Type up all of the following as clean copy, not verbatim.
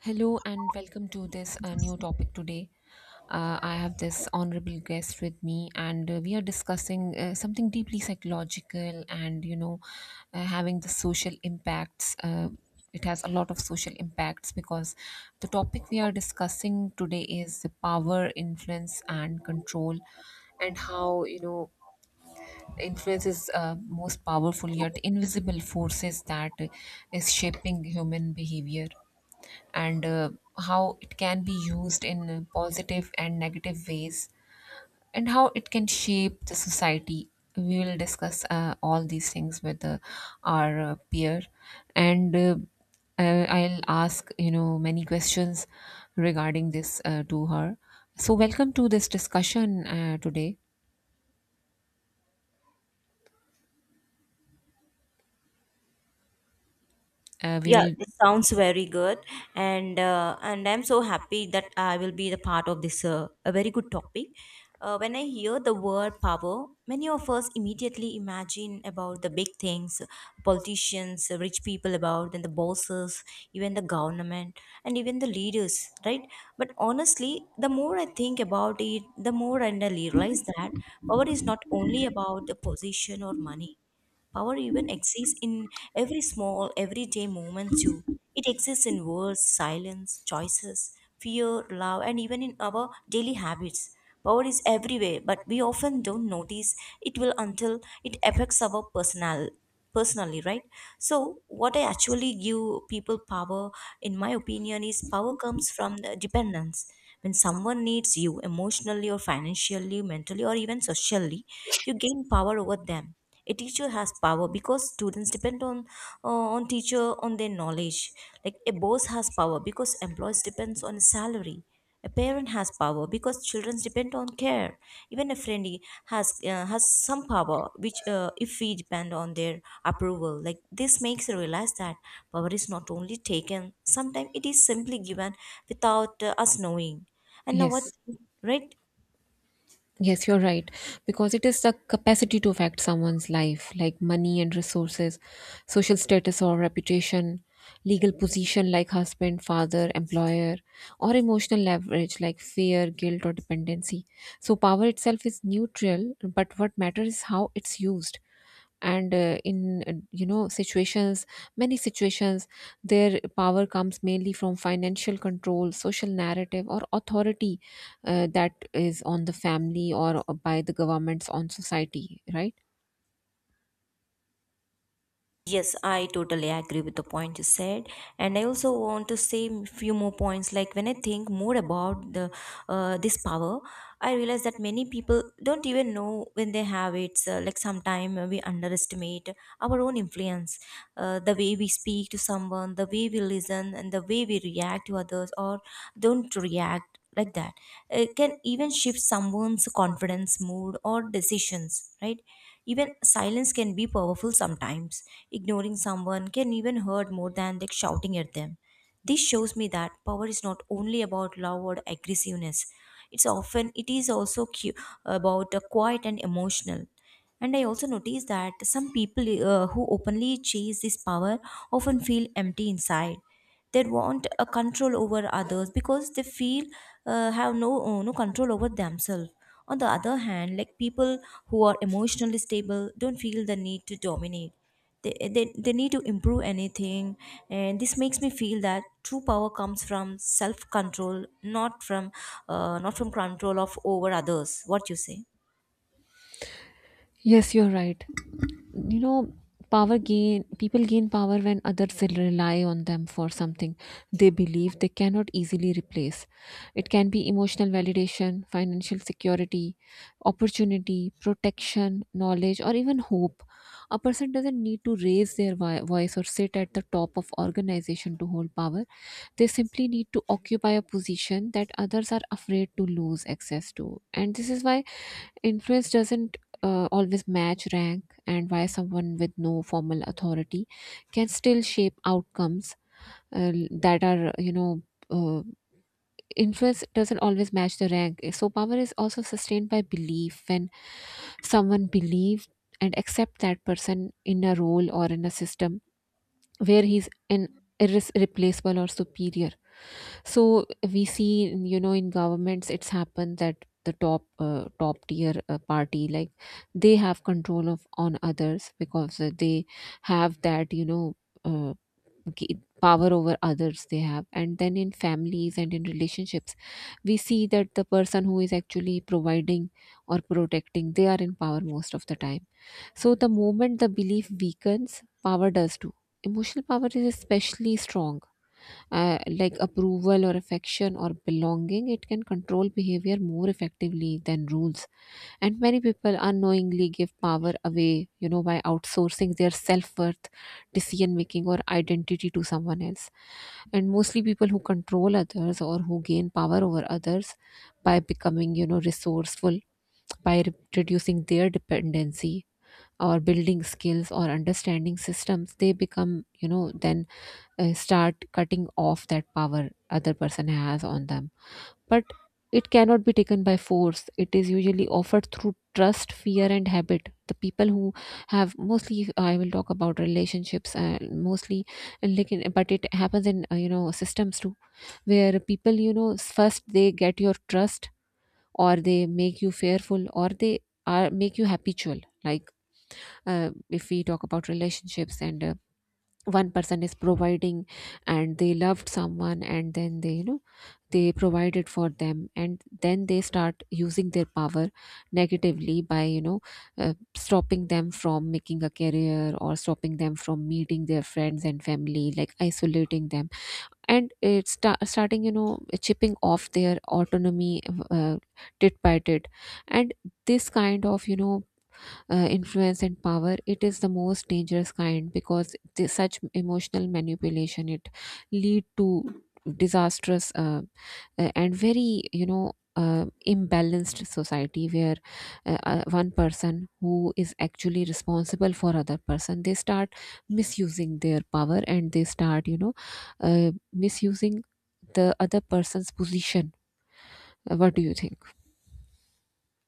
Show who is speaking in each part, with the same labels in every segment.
Speaker 1: Hello and welcome to this new topic today. I have this honorable guest with me, and we are discussing something deeply psychological and having the social impacts. It has a lot of social impacts because the topic we are discussing today is the power, influence, and control, and how influence is most powerful yet invisible forces that is shaping human behavior and how it can be used in positive and negative ways, and how it can shape the society. We will discuss all these things with our peer, and I'll ask many questions regarding this to her. So welcome to this discussion today. uh, we
Speaker 2: Yeah,
Speaker 1: will
Speaker 2: it sounds very good, and I'm so happy that I will be the part of this a very good topic. When I hear the word power, many of us immediately imagine about the big things, politicians, rich people about, and the bosses, even the government, and even the leaders, right? But honestly, the more I think about it, the more I realize that power is not only about the position or money. Power even exists in every small, everyday moment too. It exists in words, silence, choices, fear, love, and even in our daily habits. Power is everywhere, but we often don't notice it will until it affects our personally, right? So what I actually give people power, in my opinion, is power comes from the dependence. When someone needs you emotionally or financially, mentally or even socially, you gain power over them. A teacher has power because students depend on teacher, on their knowledge. Like a boss has power because employees depends on salary. A parent has power because children depend on care. Even a friend has some power which, if we depend on their approval, like this makes you realize that power is not only taken, sometimes it is simply given without us knowing. And now what,
Speaker 1: yes.
Speaker 2: right?
Speaker 1: Yes, you're right. Because it is the capacity to affect someone's life, like money and resources, social status or reputation, legal position like husband, father, employer, or emotional leverage like fear, guilt, or dependency. So, power itself is neutral, but what matters is how it's used. And in situations, many situations, their power comes mainly from financial control, social narrative, or authority, that is on the family, or by the governments on society, right?
Speaker 2: Yes, I totally agree with the point you said, and I also want to say a few more points. Like when I think more about the this power, I realize that many people don't even know when they have it. So, like sometimes we underestimate our own influence, the way we speak to someone, the way we listen, and the way we react to others or don't react like that. It can even shift someone's confidence, mood, or decisions, right? Even silence can be powerful sometimes. Ignoring someone can even hurt more than like shouting at them. This shows me that power is not only about love or aggressiveness. It's often it is also about quiet and emotional. And I also notice that some people who openly chase this power often feel empty inside. They want a control over others because they feel have no no control over themselves. On the other hand, like people who are emotionally stable don't feel the need to dominate. They need to improve anything, and this makes me feel that true power comes from self control, not from not from control of over others. What you say?
Speaker 1: Yes, you're right. You know, power gain people gain power when others rely on them for something they believe they cannot easily replace. It can be emotional validation, financial security, opportunity, protection, knowledge, or even hope. A person doesn't need to raise their voice or sit at the top of organization to hold power. They simply need to occupy a position that others are afraid to lose access to, and this is why influence doesn't always match rank, and why someone with no formal authority can still shape outcomes that are, you know, uh, influence doesn't always match the rank. So power is also sustained by belief. When someone believes and accept that person in a role or in a system where he's an irreplaceable or superior. So we see, you know, in governments, it's happened that the top top tier party like, they have control of on others because they have that, you know, uh, power over others they have. And then in families and in relationships, we see that the person who is actually providing or protecting, they are in power most of the time. So the moment the belief weakens, power does too. Emotional power is especially strong, like approval or affection or belonging, it can control behavior more effectively than rules. And many people unknowingly give power away, you know, by outsourcing their self worth, decision making, or identity to someone else. And mostly people who control others or who gain power over others, by becoming, you know, resourceful, by reducing their dependency or building skills or understanding systems, they become, you know, then start cutting off that power other person has on them. But it cannot be taken by force, it is usually offered through trust, fear, and habit. The people who have, mostly I will talk about relationships, mostly, and like in, but it happens in you know, systems too, where people, you know, first they get your trust, or they make you fearful, or they are make you habitual, like, if we talk about relationships, and one person is providing, and they loved someone, and then they, you know, they provided for them, and then they start using their power negatively by, you know, stopping them from making a career or stopping them from meeting their friends and family, like isolating them. And it's starting, you know, chipping off their autonomy, uh, tit by tit. And this kind of, you know, influence and power, it is the most dangerous kind, because such emotional manipulation, it lead to disastrous and very, you know, imbalanced society where one person who is actually responsible for other person, they start misusing their power, and they start, you know, misusing the other person's position. What do you think?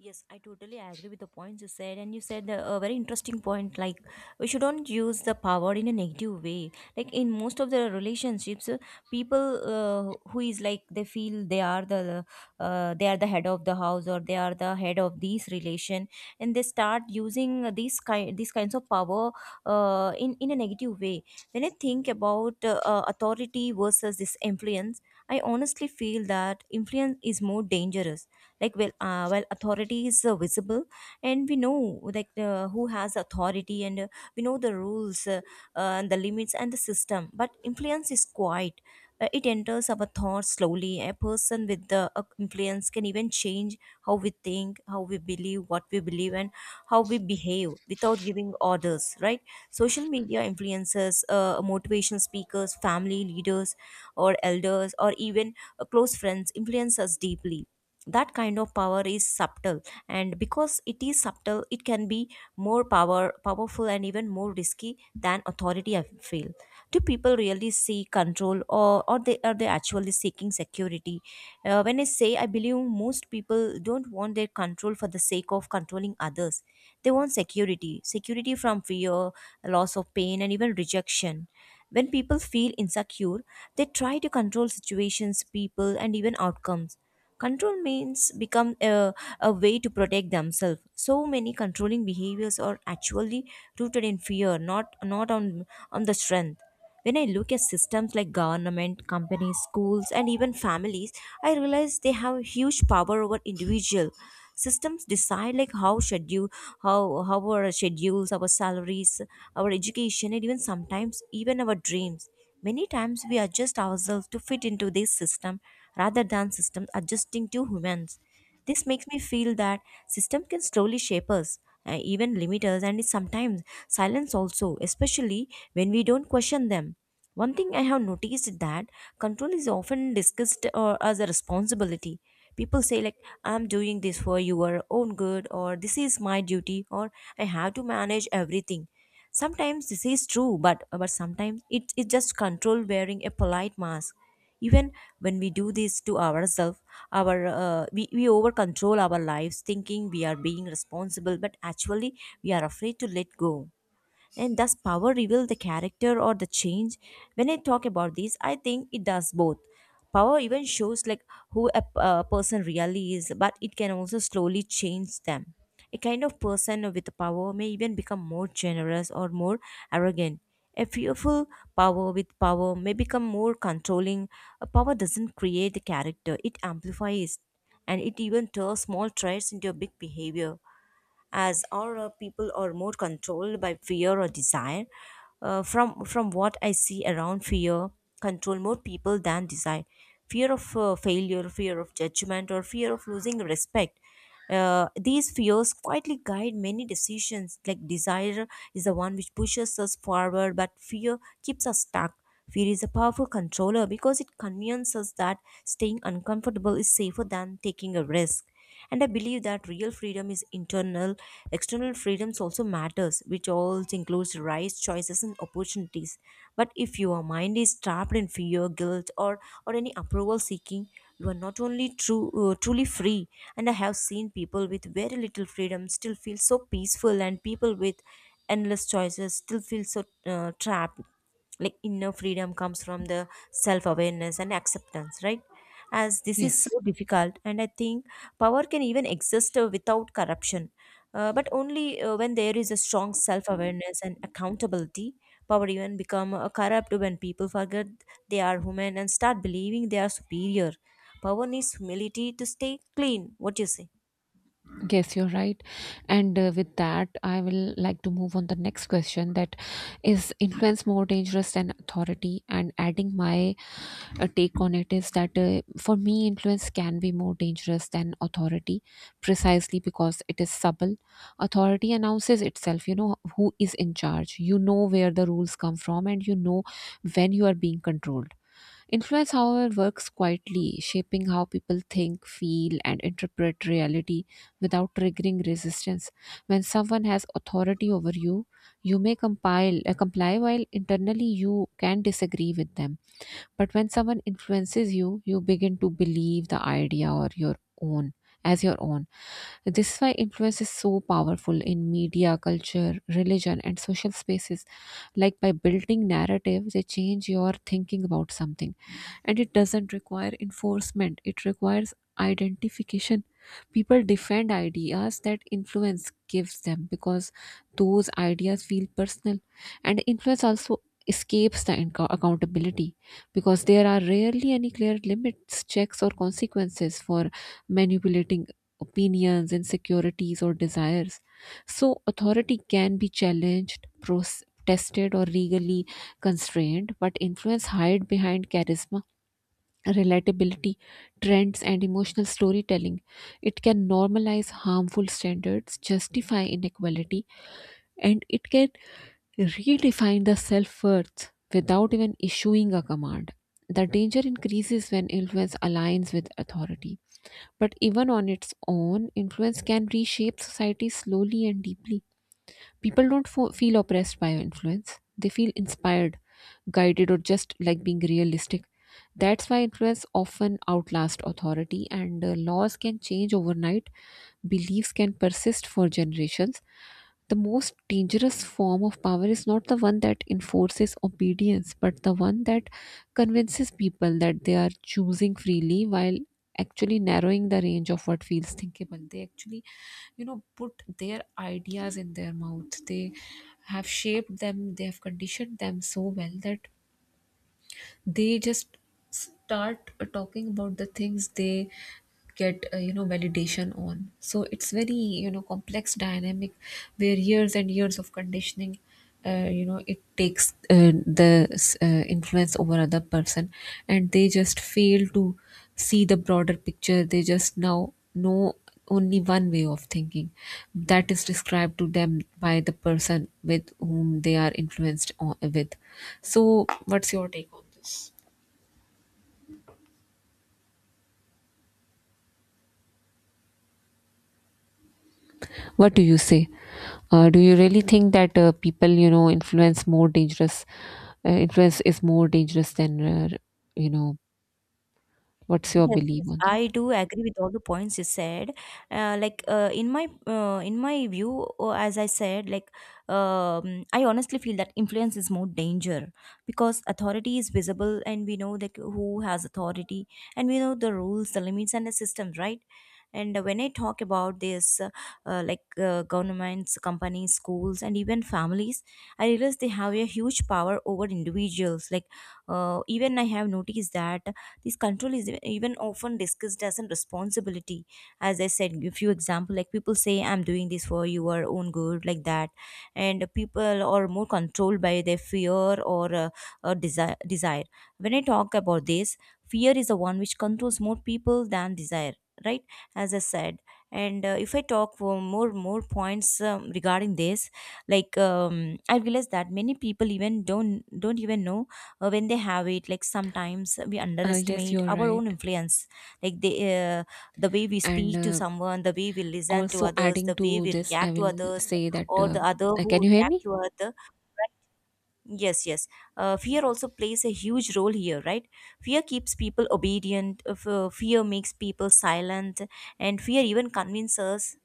Speaker 2: Yes, I totally agree with the points you said, and you said a very interesting point. Like we shouldn't use the power in a negative way. Like in most of the relationships, people who is like they feel they are the head of the house or they are the head of this relation, and they start using these kinds of power in a negative way. When I think about authority versus this influence, I honestly feel that influence is more dangerous. Like well, while authority is visible and we know like who has authority, and we know the rules, and the limits and the system, but influence is quiet. It enters our thoughts slowly. A person with the influence can even change how we think, how we believe, what we believe, and how we behave without giving orders, right? Social media influencers, motivational speakers, family leaders, or elders, or even close friends influence us deeply. That kind of power is subtle, and because it is subtle it can be more powerful and even more risky than authority, I feel. Do people really seek control, or they are they actually seeking security? When I say, I believe most people don't want their control for the sake of controlling others. They want security, security from fear, loss of pain, and even rejection. When people feel insecure, they try to control situations, people, and even outcomes. Control means become a way to protect themselves. So many controlling behaviors are actually rooted in fear, not on on the strength. When I look at systems like government, companies, schools, and even families, I realize they have huge power over individual. Systems decide like how schedule, how our schedules, our salaries, our education, and even sometimes even our dreams. Many times we adjust ourselves to fit into this system rather than systems adjusting to humans. This makes me feel that system can slowly shape us, even limit us, and is sometimes silence also, especially when we don't question them. One thing I have noticed is that control is often discussed as a responsibility. People say like, "I'm doing this for your own good," or, "This is my duty," or, "I have to manage everything." Sometimes this is true, but sometimes it is just control wearing a polite mask. Even when we do this to ourselves, we over control our lives, thinking we are being responsible, but actually we are afraid to let go. And does power reveal the character or the change? When I talk about this, I think it does both. Power even shows like who a person really is, but it can also slowly change them. A kind of person with power may even become more generous or more arrogant. A fearful power with power may become more controlling. A power doesn't create the character, it amplifies, and it even turns small traits into a big behavior. As our people are more controlled by fear or desire. From what I see around, fear control more people than desire. Fear of failure, fear of judgment, or fear of losing respect. These fears quietly guide many decisions. Like desire is the one which pushes us forward, but fear keeps us stuck. Fear is a powerful controller because it convinces us that staying uncomfortable is safer than taking a risk. And I believe that real freedom is internal. External freedoms also matters, which also includes rights, choices, and opportunities. But if your mind is trapped in fear, guilt, or any approval seeking, you are not only true truly free. And I have seen people with very little freedom still feel so peaceful, and people with endless choices still feel so trapped. Like inner freedom comes from the self awareness and acceptance, right? As this is
Speaker 1: Yes.
Speaker 2: so difficult, and I think power can even exist without corruption, but only when there is a strong self awareness and accountability. Power even become corrupt when people forget they are human and start believing they are superior. Power needs humility to stay clean. What do you say?
Speaker 1: Yes, you're right. And with that, I will like to move on the next question, that is influence more dangerous than authority? And adding my take on it is that for me, influence can be more dangerous than authority precisely because it is subtle. Authority announces itself, you know, who is in charge, you know where the rules come from, and you know when you are being controlled. Influence, however, works quietly, shaping how people think, feel, and interpret reality without triggering resistance. When someone has authority over you, you may comply while internally you can disagree with them. But when someone influences you, you begin to believe the idea or your own as your own. This is why influence is so powerful in media, culture, religion, and social spaces. Like by building narrative, they change your thinking about something, and it doesn't require enforcement, it requires identification. People defend ideas that influence gives them because those ideas feel personal. And influence also escapes the accountability, because there are rarely any clear limits, checks, or consequences for manipulating opinions, insecurities, or desires. So authority can be challenged, tested, or legally constrained, but influence hide behind charisma, relatability, trends, and emotional storytelling. It can normalize harmful standards, justify inequality, and it can redefine the self worth without even issuing a command. The danger increases when influence aligns with authority. But even on its own, influence can reshape society slowly and deeply. People don't feel oppressed by influence. They feel inspired, guided, or just like being realistic. That's why influence often outlasts authority, and laws can change overnight, beliefs can persist for generations. The most dangerous form of power is not the one that enforces obedience, but the one that convinces people that they are choosing freely while actually narrowing the range of what feels thinkable. They actually, you know, put their ideas in their mouth. They have shaped them, they have conditioned them so well that they just start talking about the things they get, you know, validation on. So it's very, you know, complex dynamic, where years and years of conditioning, you know, it takes the influence over other person, and they just fail to see the broader picture. They just now know only one way of thinking that is described to them by the person with whom they are influenced on, with. So, what's your take on this? What do you say? Do you really think that people, you know, influence more dangerous? Influence is more dangerous than, you know, what's your
Speaker 2: Yes,
Speaker 1: belief
Speaker 2: yes,
Speaker 1: on that?
Speaker 2: I do agree with all the points you said. Like in my view, as I said, like I honestly feel that influence is more danger, because authority is visible, and we know like who has authority, and we know the rules, the limits, and the system, right? And when I talk about this, like governments, companies, schools, and even families, I realize they have a huge power over individuals. Like, even I have noticed that this control is even often discussed as a responsibility. As I said, a few example like people say, "I'm doing this for your own good," like that, and people are more controlled by their fear or desire. Desire. When I talk about this, fear is the one which controls more people than desire. Right, as I said, and if I talk for more points regarding this, like, I realized that many people even don't even know when they have it. Like sometimes we
Speaker 1: Yes,
Speaker 2: underestimate
Speaker 1: you're
Speaker 2: our own
Speaker 1: right.
Speaker 2: influence, like the way we
Speaker 1: And
Speaker 2: speak to someone, the way we listen to
Speaker 1: also
Speaker 2: others,
Speaker 1: adding
Speaker 2: the way
Speaker 1: to
Speaker 2: we
Speaker 1: this, I
Speaker 2: react to
Speaker 1: will
Speaker 2: others
Speaker 1: say that.
Speaker 2: or the other
Speaker 1: Can
Speaker 2: who
Speaker 1: you hear
Speaker 2: react
Speaker 1: me?
Speaker 2: to other, right? Yes, yes. Fear also plays a huge role here, right? Fear keeps people obedient. Fear makes people silent, and fear even convinces us